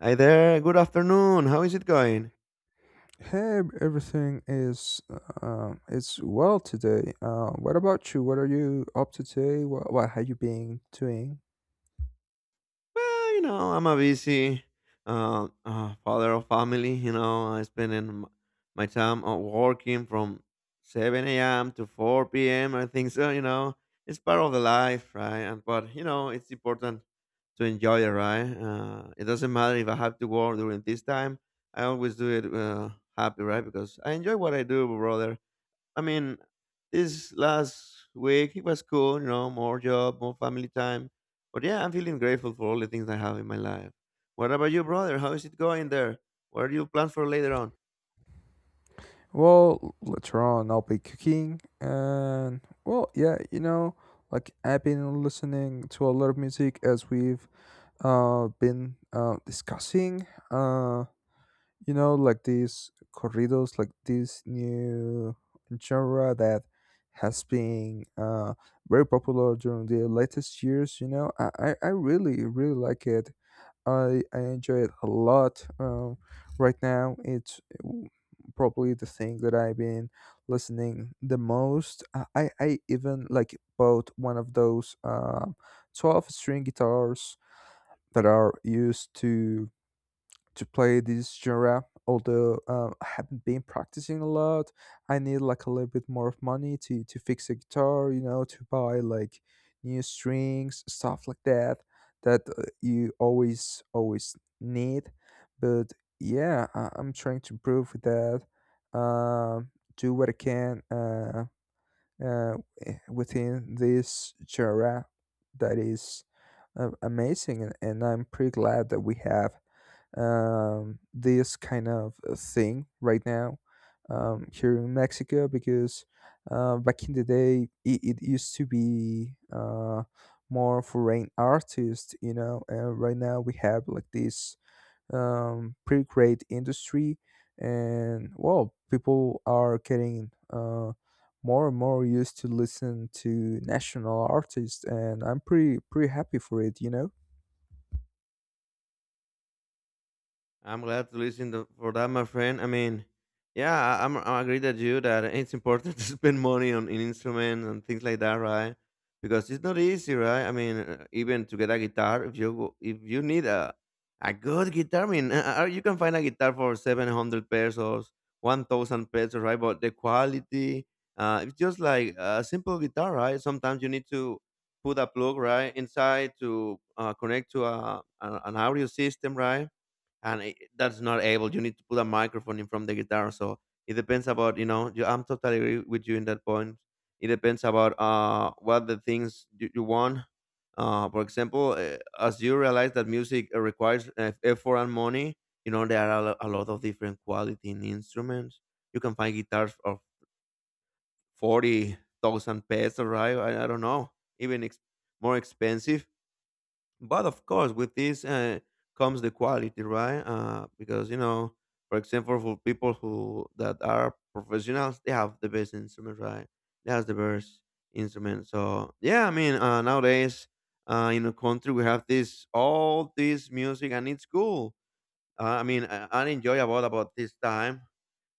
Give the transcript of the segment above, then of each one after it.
Hi there. Good afternoon. How is it going? Hey, everything is it's well today. What about you? What are you up to today? What have you been doing? Well, you know, I'm a busy father of family. You know, my time working from 7 a.m. to 4 p.m. I think so. You know, it's part of the life, right? And but you know, it's important to enjoy it, right? It doesn't matter if I have to work during this time. I always do it happy, right? Because I enjoy what I do, brother. I mean, this last week it was cool, you know, more job, more family time. But yeah, I'm feeling grateful for all the things I have in my life. What about you, brother? How is it going there? What are your plans for later on? Well, later on I'll be cooking, and well, yeah, like I've been listening to a lot of music as we've been discussing. Like these corridos, like this new genre that has been very popular during the latest years. You know, I really really like it. I enjoy it a lot. Right now, it's probably the thing that I've been listening the most. I even like bought one of those 12 string guitars that are used to play this genre, although I haven't been practicing a lot. I need, like, a little bit more of money to fix a guitar, to buy, like, new strings, stuff like that that you always always need. But yeah, I'm trying to improve with that, um, do what I can, uh, within this genre, that is amazing. And I'm pretty glad that we have, this kind of thing right now, here in Mexico, because back in the day, it used to be more foreign artists, and right now we have, like, this pretty great industry. And well, people are getting more and more used to listen to national artists, and I'm pretty pretty happy for it. I'm glad to listen to, for that, my friend. I mean, yeah, I agree that it's important to spend money on in instruments and things like that, right? Because it's not easy, right? I mean, even to get a guitar, if you need a good guitar, I mean, you can find a guitar for 700 pesos, 1,000 pesos, right? But the quality, it's just like a simple guitar, right? Sometimes you need to put a plug right inside to connect to a an audio system, right? And I that's not able. You need to put a microphone in from the guitar. So it depends about you know. You, I'm totally agree with you in that point. It depends about what the things you want. For example, as you realize that music requires effort and money, you know there are a lot of different quality in instruments. You can find guitars of 40,000 pesos, right? I don't know, even ex- more expensive but of course with this comes the quality, right, because you know, for example, for people who that are professionals, they have the best instrument, right? They have the best instrument. So yeah, I mean, nowadays in the country we have this all this music and it's cool. I mean, I enjoy about this time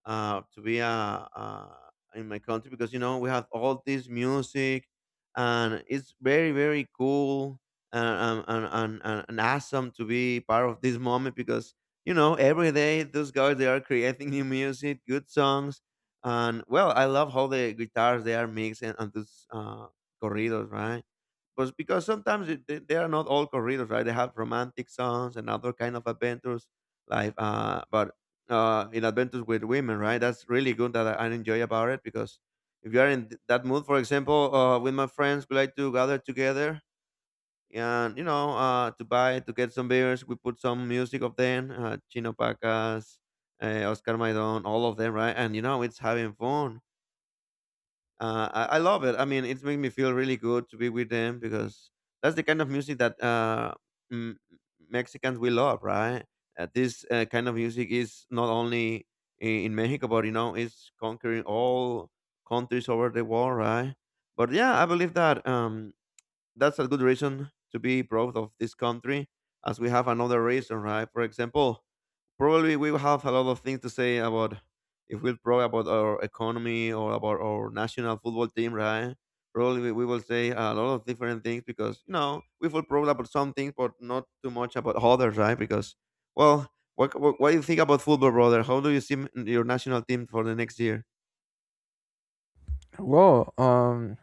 to be a in my country because you know we have all this music and it's very very cool and awesome to be part of this moment because you know every day those guys they are creating new music, good songs. And well, I love how the guitars they are mixing, those corridos, right? But because sometimes they are not all corridos, right? They have romantic songs and other kind of adventures like but in adventures with women, right? That's really good that I enjoy about it because if you are in that mood, for example, with my friends, we like to gather together and you know to get some beers. We put some music of them, Chino Pacas, Oscar Maidon, all of them, right? And you know it's having fun. I love it. I mean, it's made me feel really good to be with them because that's the kind of music that m- Mexicans we love, right? This kind of music is not only in Mexico, but you know, it's conquering all countries over the world, right? But yeah, I believe that that's a good reason to be proud of this country, as we have another reason, right? For example, probably we will have a lot of things to say about if we're proud about our economy or about our national football team, right? Probably we will say a lot of different things because you know we feel proud about some things, but not too much about others, right? Because, well, what do you think about football, brother? How do you see your national team for the next year? Well,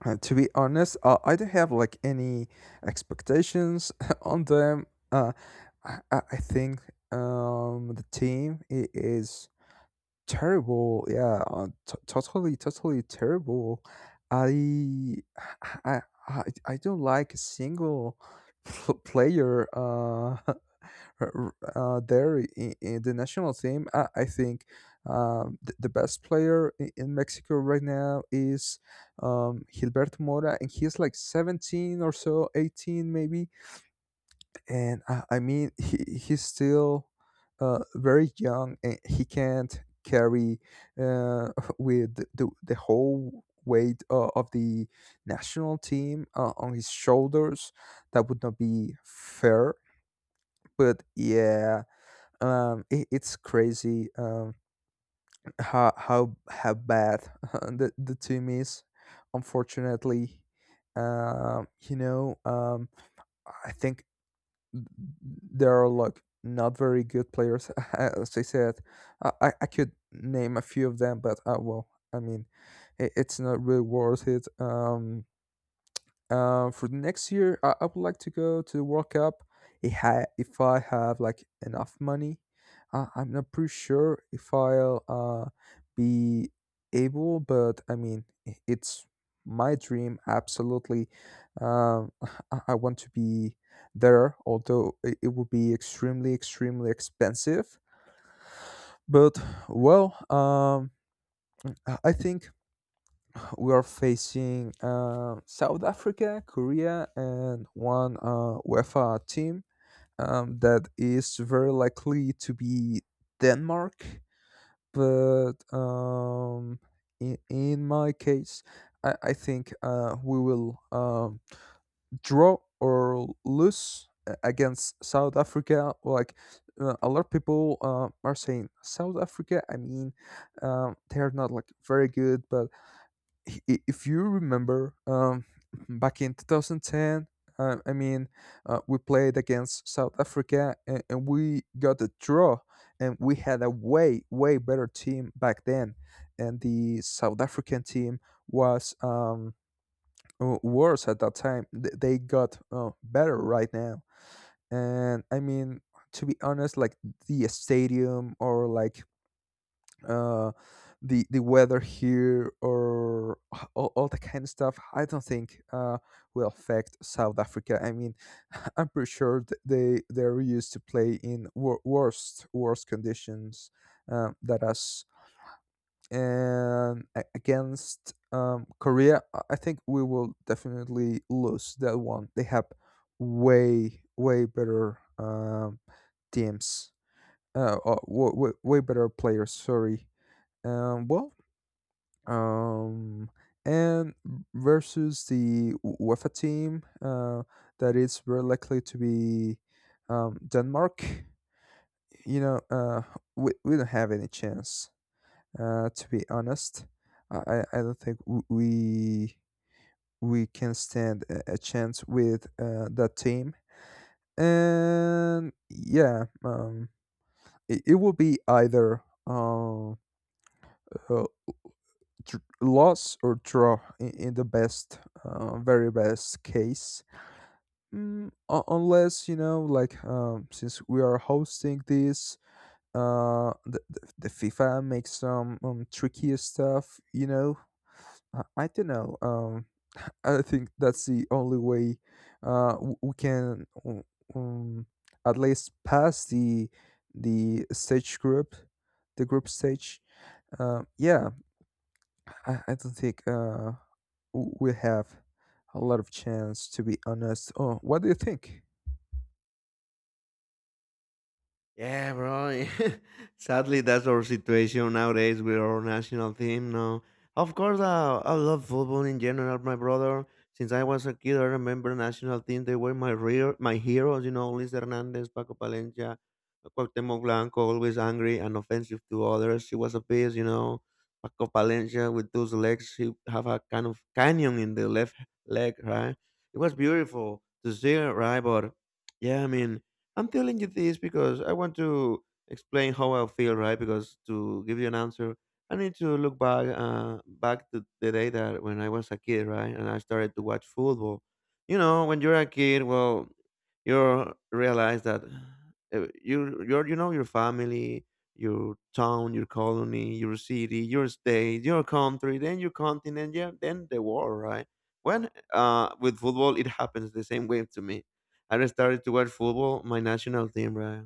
To be honest, I don't have, like, any expectations on them. Uh, I think, the team is terrible. Yeah, totally, totally terrible. I, I, I don't like a single player. There in the national team. I think, the best player in Mexico right now is, Gilberto Mora, and he's like 17 or so, 18 maybe, and I mean he's still very young, and he can't carry, uh, with the whole weight of the national team on his shoulders. That would not be fair. But yeah, it's crazy, how bad the team is, unfortunately. um, you know um, I think there are, like, not very good players, as I said. I could name a few of them, but well, I mean, it's not really worth it. For the next year, I would like to go to the World Cup. If I have, like, enough money, I'm not pretty sure if I'll be able, but I mean, it's my dream. Absolutely. um, I want to be there. Although it would be extremely, extremely expensive. But well, I think we are facing South Africa, Korea, and one UEFA team, that is very likely to be Denmark. But in my case, I think we will, draw or lose against South Africa. Like, a lot of people are saying South Africa, I mean, they are not, like, very good, but i- if you remember, back in 2010, I mean, we played against South Africa, and we got a draw, and we had a way way better team back then, and the south african team was, worse at that time. They got better right now, and I mean, to be honest, like the stadium, or like, uh, the weather here, or all that kind of stuff, I don't think will affect South Africa. I mean, I'm pretty sure they're used to play in, worst worst conditions, that us. And against, Korea, I think we will definitely lose that one. They have way way better, teams, uh, uh, wa- way better players, sorry. Well, um, and versus the UEFA team, that is very likely to be, Denmark. You know, we don't have any chance. To be honest, I don't think we can stand a chance with that team. And yeah, it will be either, uh, uh, loss or draw, in the best, very best case. Unless, you know, like, since we are hosting this, the FIFA makes some, tricky stuff. You know, I don't know. I think that's the only way we can, um, at least pass the stage group, the group stage. Yeah, I don't think we have a lot of chance, to be honest. Oh, what do you think? Yeah, bro. Sadly, that's our situation nowadays with our national team. No, of course, I love football in general, my brother. Since I was a kid, I remember national team. They were my real, my heroes. You know, Luis Hernandez, Paco Palencia, Cuauhtemoc Blanco, always angry and offensive to others. He was a beast, you know. Paco Palencia with those legs, he have a kind of canyon in the left leg, right? It was beautiful to see, right? But yeah, I mean, I'm telling you this because I want to explain how I feel, right? Because to give you an answer, I need to look back, to the day that when I was a kid, right, and I started to watch football. You know, when you're a kid, well, you realize that you're, you know, your family, your town, your colony, your city, your state, your country, then your continent, yeah, then the world, right? When with football, it happens the same way to me. I started to watch football, my national team, right?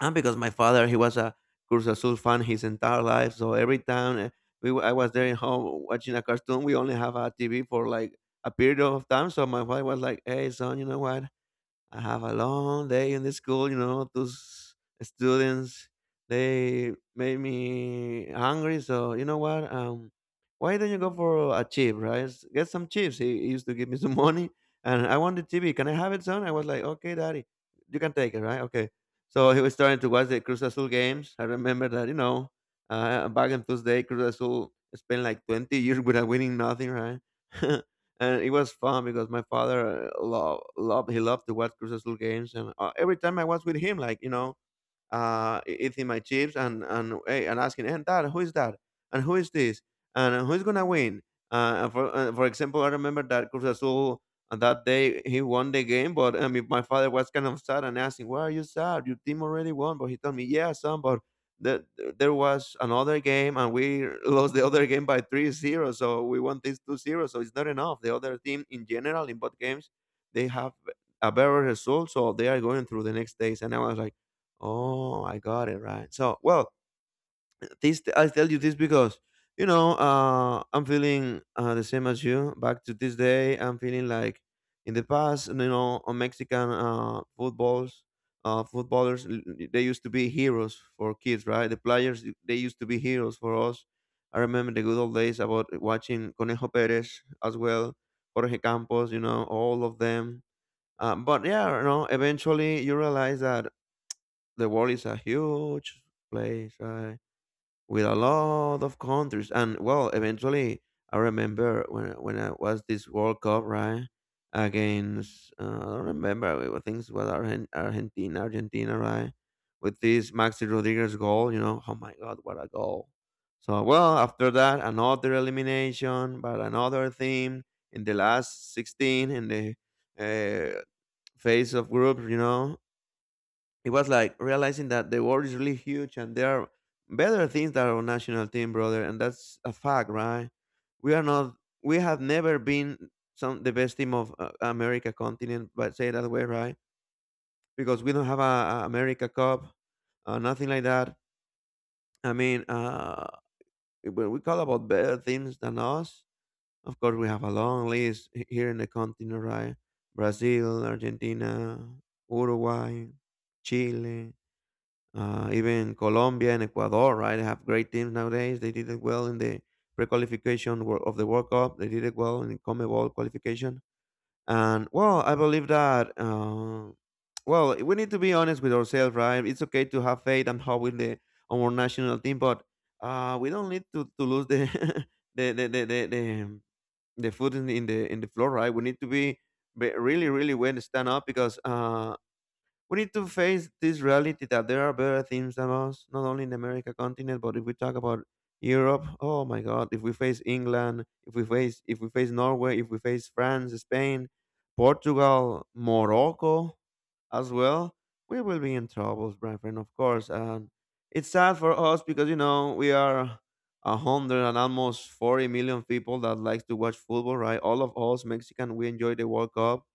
And because my father, he was a Cruz Azul fan his entire life. So every time I was there in home watching a cartoon, we only have a TV for like a period of time. So my father was like, "Hey, son, you know what? I have a long day in the school, you know, those students, they made me hungry. So, you know what? Why don't you go for a chip, right? Get some chips." He used to give me some money. "And I want the TV. Can I have it, son?" I was like, "Okay, daddy, you can take it, right? Okay." So he was starting to watch the Cruz Azul games. I remember that, you know, back in those days, Cruz Azul spent like 20 years without winning nothing, right? And it was fun because my father loved, he loved to watch Cruz Azul games, and every time I was with him, like you know, eating my chips, and hey, and asking, "And that, who is that? And who is this? And who's gonna win?" And for For example, I remember that Cruz Azul on that day he won the game, but I mean, my father was kind of sad, and asking, "Why are you sad? Your team already won." But he told me, "Yeah, son, but. The, there was another game and we lost the other game by 3-0, so we won this 2-0, so it's not enough. The other team in general in both games, they have a better result, so they are going through the next days." And I was like, "Oh, I got it, right." So, well, this I tell you this because you know I'm feeling the same as you. Back to this day, I'm feeling like in the past, you know, Mexican footballers, they used to be heroes for kids, right? The players, they used to be heroes for us. I remember the good old days about watching Conejo Perez as well, Jorge Campos, you know, all of them. But yeah, you know, eventually you realize that the world is a huge place, right? With a lot of countries, and well, eventually, I remember when I was this World Cup, right? Against I don't remember, I think it was Argentina, Argentina, right? With this Maxi Rodriguez goal, you know, oh my God, what a goal! So well, after that, another elimination, but another theme in the last 16 in the uh, phase of groups, you know, it was like realizing that the world is really huge and there are better things than our national team, brother, and that's a fact, right? We are not, we have never been some the best team of America continent, but say it that way, right? Because we don't have a America Cup, nothing like that. I mean, when we call about better teams than us, of course we have a long list here in the continent, right? Brazil, Argentina, Uruguay, Chile, even Colombia and Ecuador, right? They have great teams nowadays. They did it well in the of the World Cup. They did it well in the CONMEBOL qualification. And well, I believe that. Well, we need to be honest with ourselves, right? It's okay to have faith and hope in the on our national team, but we don't need to lose the the the the the, the, the foot in the, in the in the floor, right? We need to be really really well stand up because we need to face this reality that there are better teams than us, not only in the America continent, but if we talk about Europe, oh my God, if we face England, if we face Norway, if we face France, Spain, Portugal, Morocco, as well, we will be in troubles, my friend, of course. And it's sad for us because you know we are a hundred and almost 40 million people that likes to watch football, right? All of us Mexican, we enjoy the World Cup,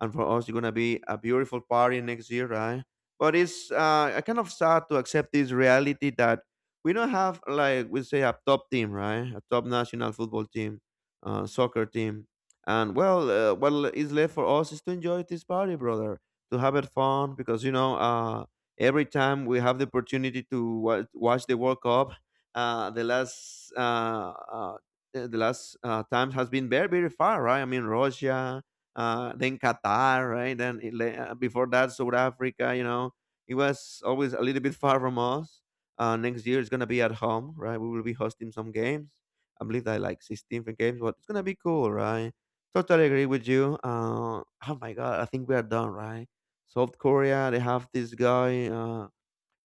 and for us it's gonna be a beautiful party next year, right? But it's I kind of sad to accept this reality that we don't have, like we say, a top team, right? A top national football team, soccer team, and well, what is left for us is to enjoy this party, brother, to have it fun because every time we have the opportunity to watch the World Cup. Uh, the last uh, uh, the last time has been very very far, right? I mean Russia, then Qatar, right? Then before that, South Africa. You know, it was always a little bit far from us. Next year it's gonna be at home, right? We will be hosting some games. I believe that like 16 games, but it's gonna be cool, right? Totally agree with you. Oh my god, I think we are done, right? South Korea, they have this guy.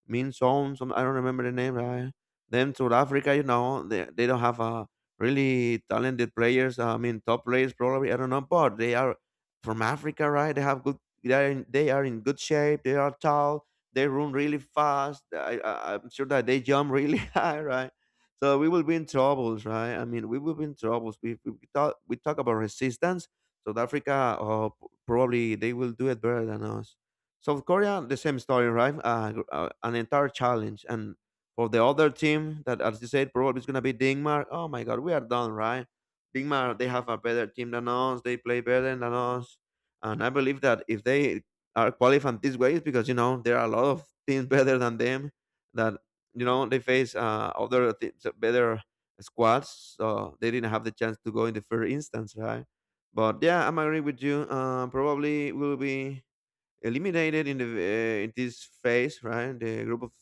Min Song, some, I don't remember the name. Right? Then South Africa, you know, they don't have really talented players. I mean, top players probably. I don't know, but they are from Africa, right? They have good. They are in good shape. They are tall. They run really fast. I'm sure that they jump really high, right? So we will be in troubles, right? I mean, we will be in troubles. We talk about resistance. South Africa, oh, probably they will do it better than us. South Korea, the same story, right? An entire challenge. And for the other team, that as you said, probably is going to be Denmark. Oh my God, we are done, right? Denmark, they have a better team than us. They play better than us. And I believe that if they are qualifying this way, it's because, you know, there are a lot of teams better than them that, you know, they face other teams, better squads. So they didn't have the chance to go in the first instance, right? But yeah, I'm agree with you. Probably will be eliminated in the in this phase, right? The group of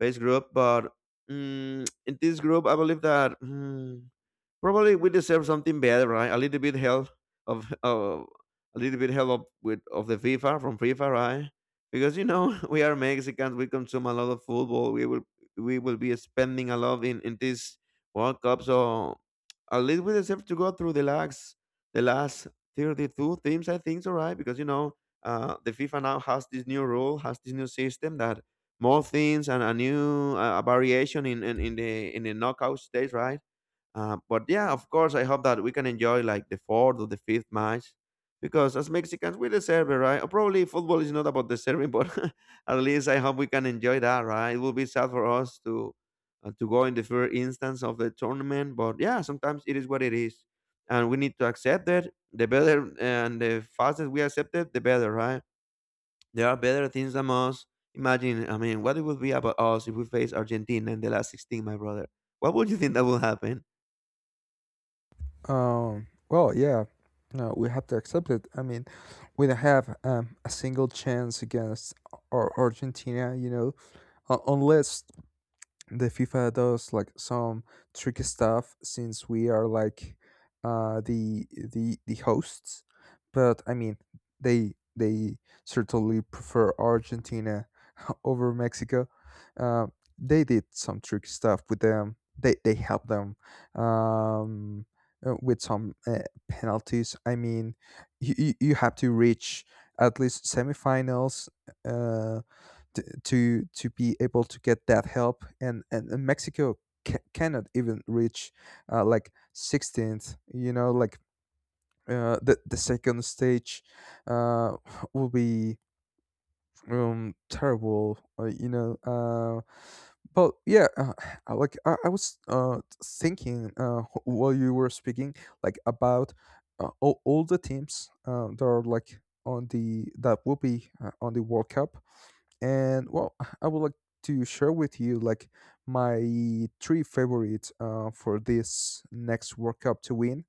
phase group, but mm in this group, I believe that. Probably we deserve something better, right? A little bit help of a little bit help of- with of the FIFA, from FIFA, right? Because you know we are Mexicans, we consume a lot of football. We will be spending a lot in this World Cup, so at least we deserve to go through the last 32 teams, I think, so right? Because you know the FIFA now has this new rule, has this new system that more things and a new a variation in the knockout stage, right? But yeah, of course, I hope that we can enjoy like the fourth or the fifth match because as Mexicans, we deserve it, right? Or probably football is not about deserving, but at least I hope we can enjoy that, right? It will be sad for us to go in the first instance of the tournament, but yeah, sometimes it is what it is, and we need to accept it. The better and the faster we accept it, the better, right? There are better things than us. Imagine, I mean, what it would be about us if we face Argentina in the last 16, my brother. What would you think that will happen? Well, yeah, no, we have to accept it. I mean, we don't have, a single chance against, Argentina, you know, unless the FIFA does, like, some tricky stuff, since we are, like, the hosts. But I mean, they certainly prefer Argentina over Mexico. uh, they did some tricky stuff with them. They helped them, um, with some penalties. I mean, you have to reach at least semifinals uh, to be able to get that help, and Mexico cannot even reach like 16th, you know, like, the second stage uh, will be, terrible, you know. But yeah, I was thinking, while you were speaking, like, about all the teams that are, like, on the that will be on the world cup, and well, I would like to share with you, like, my three favorites for this next world cup to win.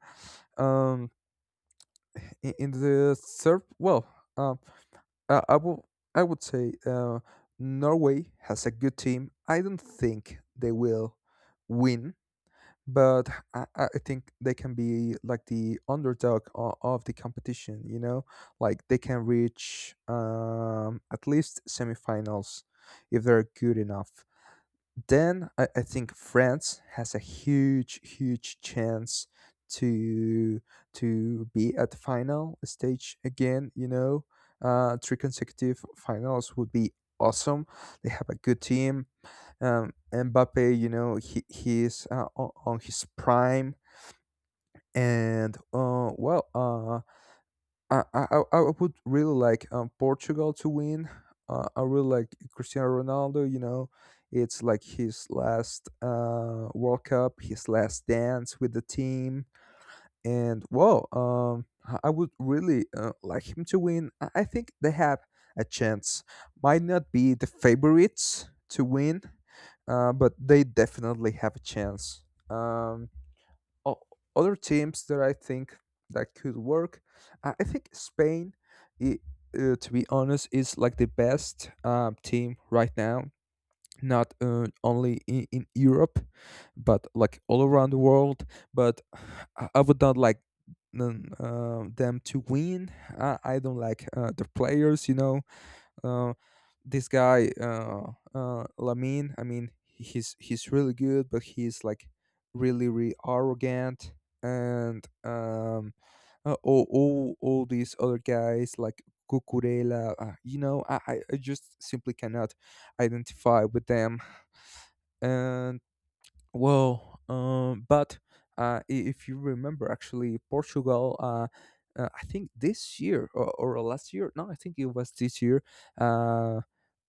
um in the third, well, um. Uh, I would I would say, Norway has a good team. I don't think they will win, but I think they can be, like, the underdog of the competition. You know, like, they can reach, at least semifinals, if they're good enough. Then I think France has a huge, huge chance to to be at the final stage again. You know, three consecutive finals would be awesome. They have a good team. Mbappe, you know, he is, on his prime, and well, I would really like, Portugal to win. I really like Cristiano Ronaldo. You know, it's like his last World Cup, his last dance with the team, and wow, I would really like him to win. I think they have a chance. Might not be the favorites to win, but they definitely have a chance. Um, o- Other teams that I think that could work. I think Spain, I to be honest, is, like, the best, team right now. Not only in Europe, but, like, all around the world. But I would not like them, them to win. I don't like the players, you know. Uh, this guy, Lamine, I mean, he's really good, but he's, like, really really arrogant, and all these other guys, like, Cucurella, you know, I just simply cannot identify with them. And well, but if you remember, actually, Portugal, I think this year, or last year. No, I think it was this year. Uh,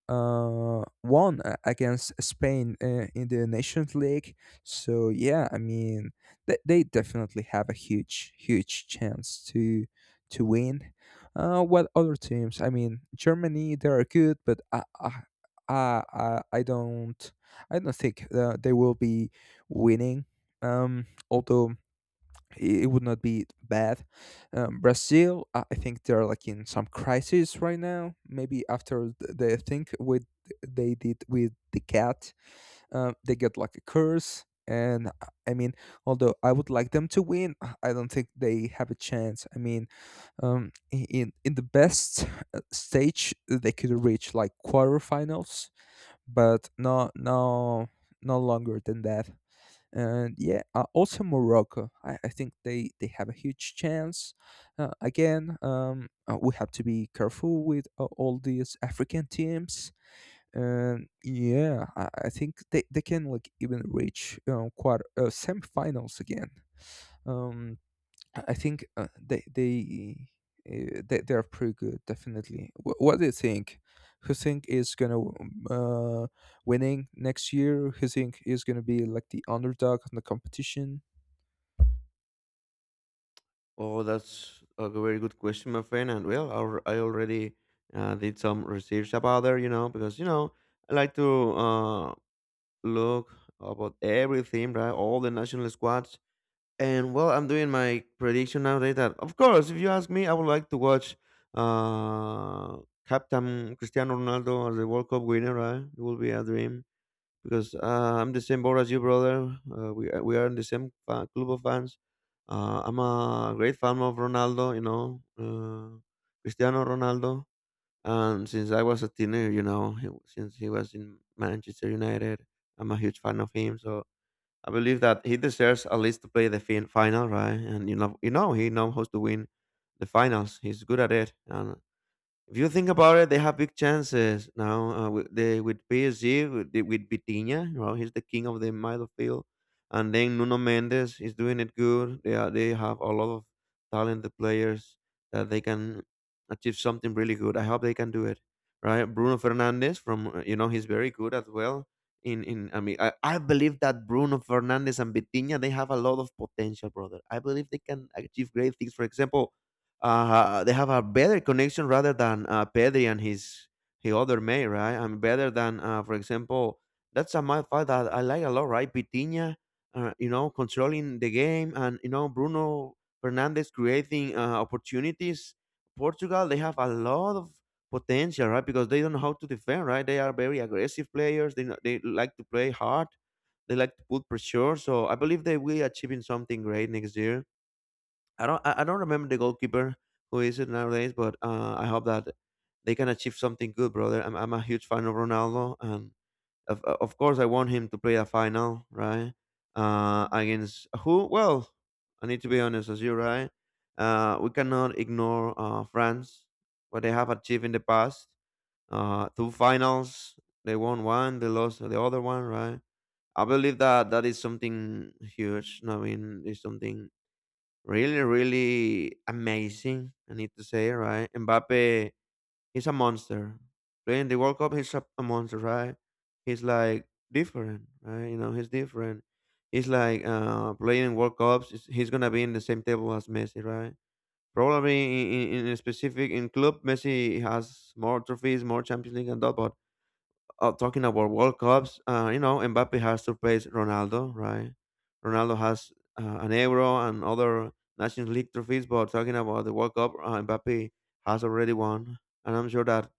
Won against Spain in the Nations League. So yeah, I mean, they definitely have a huge, huge chance to win. What other teams? I mean, Germany, they are good, but I, I I don't I don't think they will be winning. Um, Although it would not be bad. Brazil, I think they're, like, in some crisis right now. Maybe after the thing with, they did with the cat, they get, like, a curse. And I mean, although I would like them to win, I don't think they have a chance. I mean, in the best stage they could reach, like, quarterfinals, but no, no, no longer than that. And yeah, also Morocco. I think they have a huge chance. Again, we have to be careful with all these African teams. And yeah, I think, they can, like, even reach, quite, semifinals again. Um, I think, they are pretty good, definitely. What do you think? Who think is gonna, winning next year? Who think is gonna be, like, the underdog in the competition? Oh, that's a very good question, my friend. And well, I already did some research about there, you know, because you know I like to uh, look about everything, right? All the national squads. And well, I'm doing my prediction nowadays. That of course, if you ask me, I would like to watch uh, Captain Cristiano Ronaldo as the World Cup winner, right? It will be a dream because I'm the same boat as you, brother. We are in the same fa- club of fans. I'm a great fan of Ronaldo, you know, Cristiano Ronaldo. And since I was a teenager, you know, he, since he was in Manchester United, I'm a huge fan of him. So I believe that he deserves at least to play the fin- final, right? And you know, he knows how to win the finals. He's good at it, and if you think about it, they have big chances now with the, with PSG with, the- with Vitinha. You know, he's the king of the midfield, and then Nuno Mendes is doing it good. They are, they have a lot of talented players that they can achieve something really good. I hope they can do it. Right, Bruno Fernandez from you know he's very good as well. In I mean I believe that Bruno Fernandez and Vitinha they have a lot of potential, brother. I believe they can achieve great things. For example, they have a better connection rather than Pedri and his other mate, right? I mean, better than, for example, that's a my fight that I like a lot, right? Pitinha, you know, controlling the game, and you know Bruno Fernandes creating opportunities. Portugal, they have a lot of potential, right? Because they don't know how to defend, right? They are very aggressive players. They know- they like to play hard. They like to put pressure. So I believe they will achieving something great next year. I don't remember the goalkeeper who is it nowadays, but I hope that they can achieve something good, brother. I'm a huge fan of Ronaldo, and of course I want him to play a final, right? Against who? Well, I need to be honest as you, right? We cannot ignore France, what they have achieved in the past. Two finals, they won one, they lost the other one, right? I believe that that is something huge. I mean, it's something Really, really amazing, I need to say, right? Mbappe, he's a monster. Playing the World Cup, he's a monster, right? He's like different, right? You know, he's different. He's like playing World Cups. Is- He's gonna be in the same table as Messi, right? Probably in a specific in club, Messi has more trophies, more Champions League and that, but talking about World Cups, you know, Mbappe has surpassed Ronaldo, right? Ronaldo has an Euro and other Nations League trophies, but talking about the World Cup, Mbappe has already won. And I'm sure that,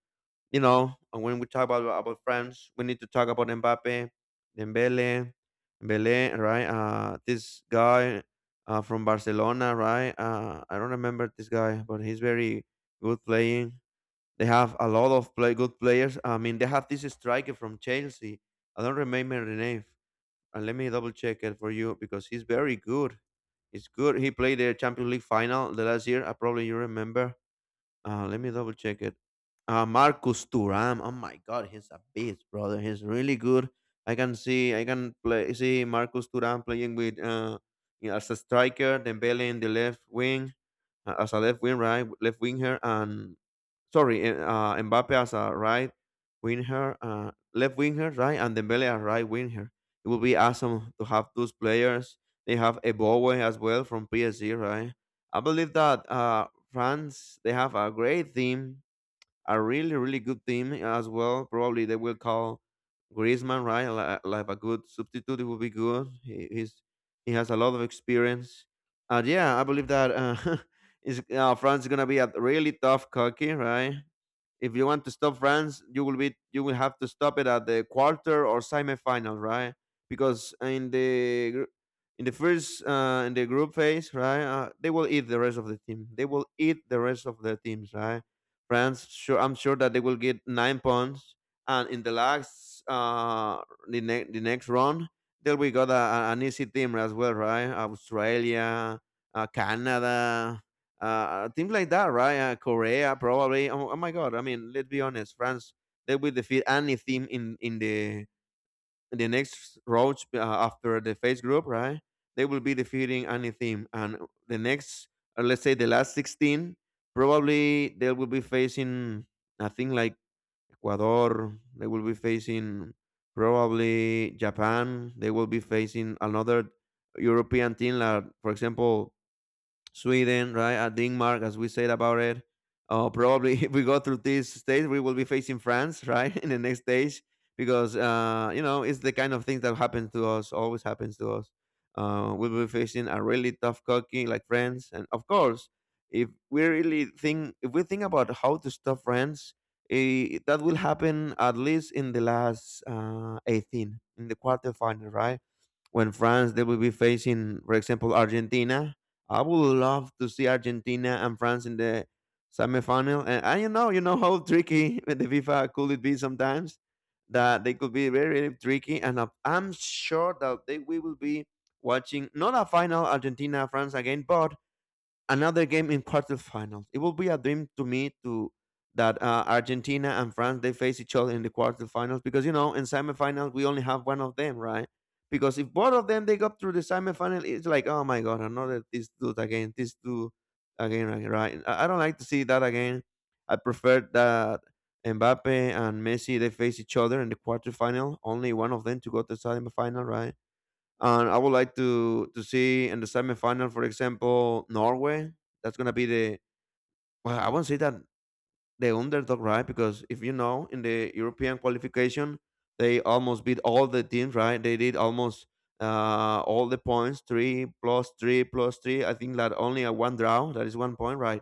you know, and when we talk about France, we need to talk about Mbappe, Dembele, Dembele, right? This guy from Barcelona, right? I don't remember this guy, but he's very good playing. They have a lot of play, good players. I mean, they have this striker from Chelsea. I don't remember the name. And let me double check it for you because he's very good. He's good. He played the Champions League final the last year. I probably you remember. Let me double check it. Marcus Thuram. Oh my God, he's a beast, brother. He's really good. I can see. I can play. See Marcus Thuram playing with you know, as a striker. Dembele in the left wing as a left wing, right, left winger, and Sorry, eh, Mbappe as a right winger, left winger, right, and Dembele as right winger. It would be awesome to have those players. They have Ebowe as well from PSG, right? I believe that France they have a great team a really really good team as well. Probably they will call Griezmann right like a good substitute. It will be good. He, he's he has a lot of experience. And yeah, I believe that is France is gonna be a really tough cookie, right? If you want to stop France, you will be you will have to stop it at the quarter or semi-final, right? Because in the gr- in the first in the group phase, right, they will eat the rest of the team. They will eat the rest of the teams, right? France, sure, I'm sure that they will get 9 points, and in the last, the next round, then we got an easy team as well, right? Australia, Canada, teams like that, right? Korea, probably. Oh, oh my God! I mean, let's be honest, France they will defeat any team in the next roach after the phase group, right? They will be defeating any team, and the next, or let's say the last 16, probably they will be facing I think like Ecuador. They will be facing probably Japan. They will be facing another European team, like for example Sweden, right? Denmark, as we said about it. Probably if we go through this stage, we will be facing France, right, in the next stage because you know it's the kind of things that happen to us, always happens to us. We'll be facing a really tough cookie like France, and of course, if we think about how to stop France, that will happen at least in the last 18, in the quarterfinal, right? When France they will be facing, for example, Argentina. I would love to see Argentina and France in the semifinal. And you know how tricky with the FIFA could it be sometimes that they could be very, very tricky. And I'm sure that they we will be watching not a final Argentina France again, but another game in quarterfinals. It will be a dream to me to that Argentina and France they face each other in the quarterfinals because you know in semifinals we only have one of them, right? Because if both of them they go through the semifinal, it's like oh my god, another this dude again, right? Right. I don't like to see that again. I prefer that Mbappe and Messi they face each other in the quarterfinal, only one of them to go to the semifinal, right? And I would like to see in the semifinal, for example, Norway. That's gonna be the, well, I won't say that the underdog, right? Because if you know, in the European qualification, they almost beat all the teams, right? They did almost all the points, three plus three plus three. I think that only a one draw. That is 1 point, right?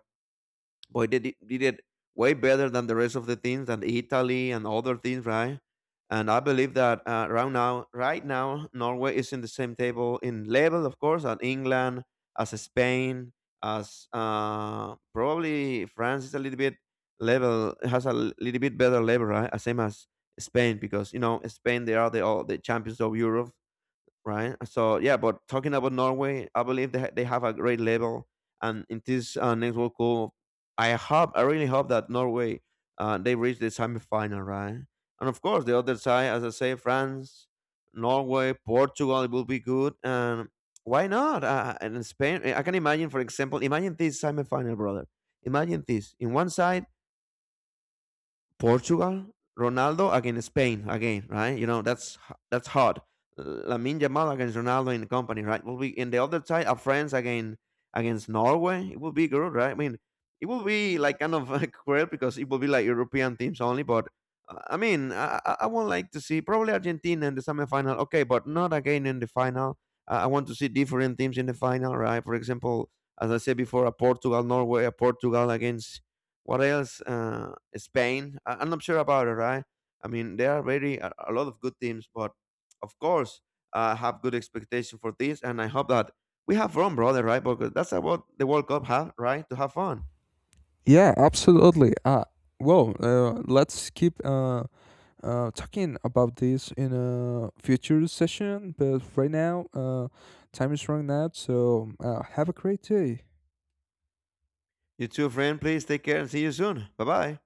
Boy, they did it way better than the rest of the teams and Italy and other teams, right? And I believe that right now, Norway is in the same table in level, of course, as England, as Spain, as probably France is a little bit level has a little bit better level, right? As same as Spain, because you know Spain they are the all the champions of Europe, right? So yeah, but talking about Norway, I believe they have a great level, and in this next World Cup, I really hope that Norway they reach the semifinal, right? And of course, the other side, as I say, France, Norway, Portugal, it will be good, and why not? And in Spain, I can imagine, for example, imagine this semifinal, brother. Imagine this: in one side, Portugal, Ronaldo against Spain again, right? You know that's hard. Lamine Yamal against Ronaldo in the company, right? Will be in the other side of France again against Norway. It will be good, right? I mean, it will be like kind of like weird because it will be like European teams only. But I mean, I would like to see probably Argentina in the semifinal, okay, but not again in the final. I want to see different teams in the final, right? For example, as I said before, a Portugal Norway, a Portugal against what else? Spain. I'm not sure about it. Right? I mean, there are very a lot of good teams, but of course, I have good expectation for this, and I hope that we have fun, brother. Right? Because that's what the World Cup have, right? To have fun. Yeah, absolutely. Well, let's keep, talking about this in a future session, but right now, time is running out. So, have a great day. You too, friend. Please take care and see you soon. Bye bye.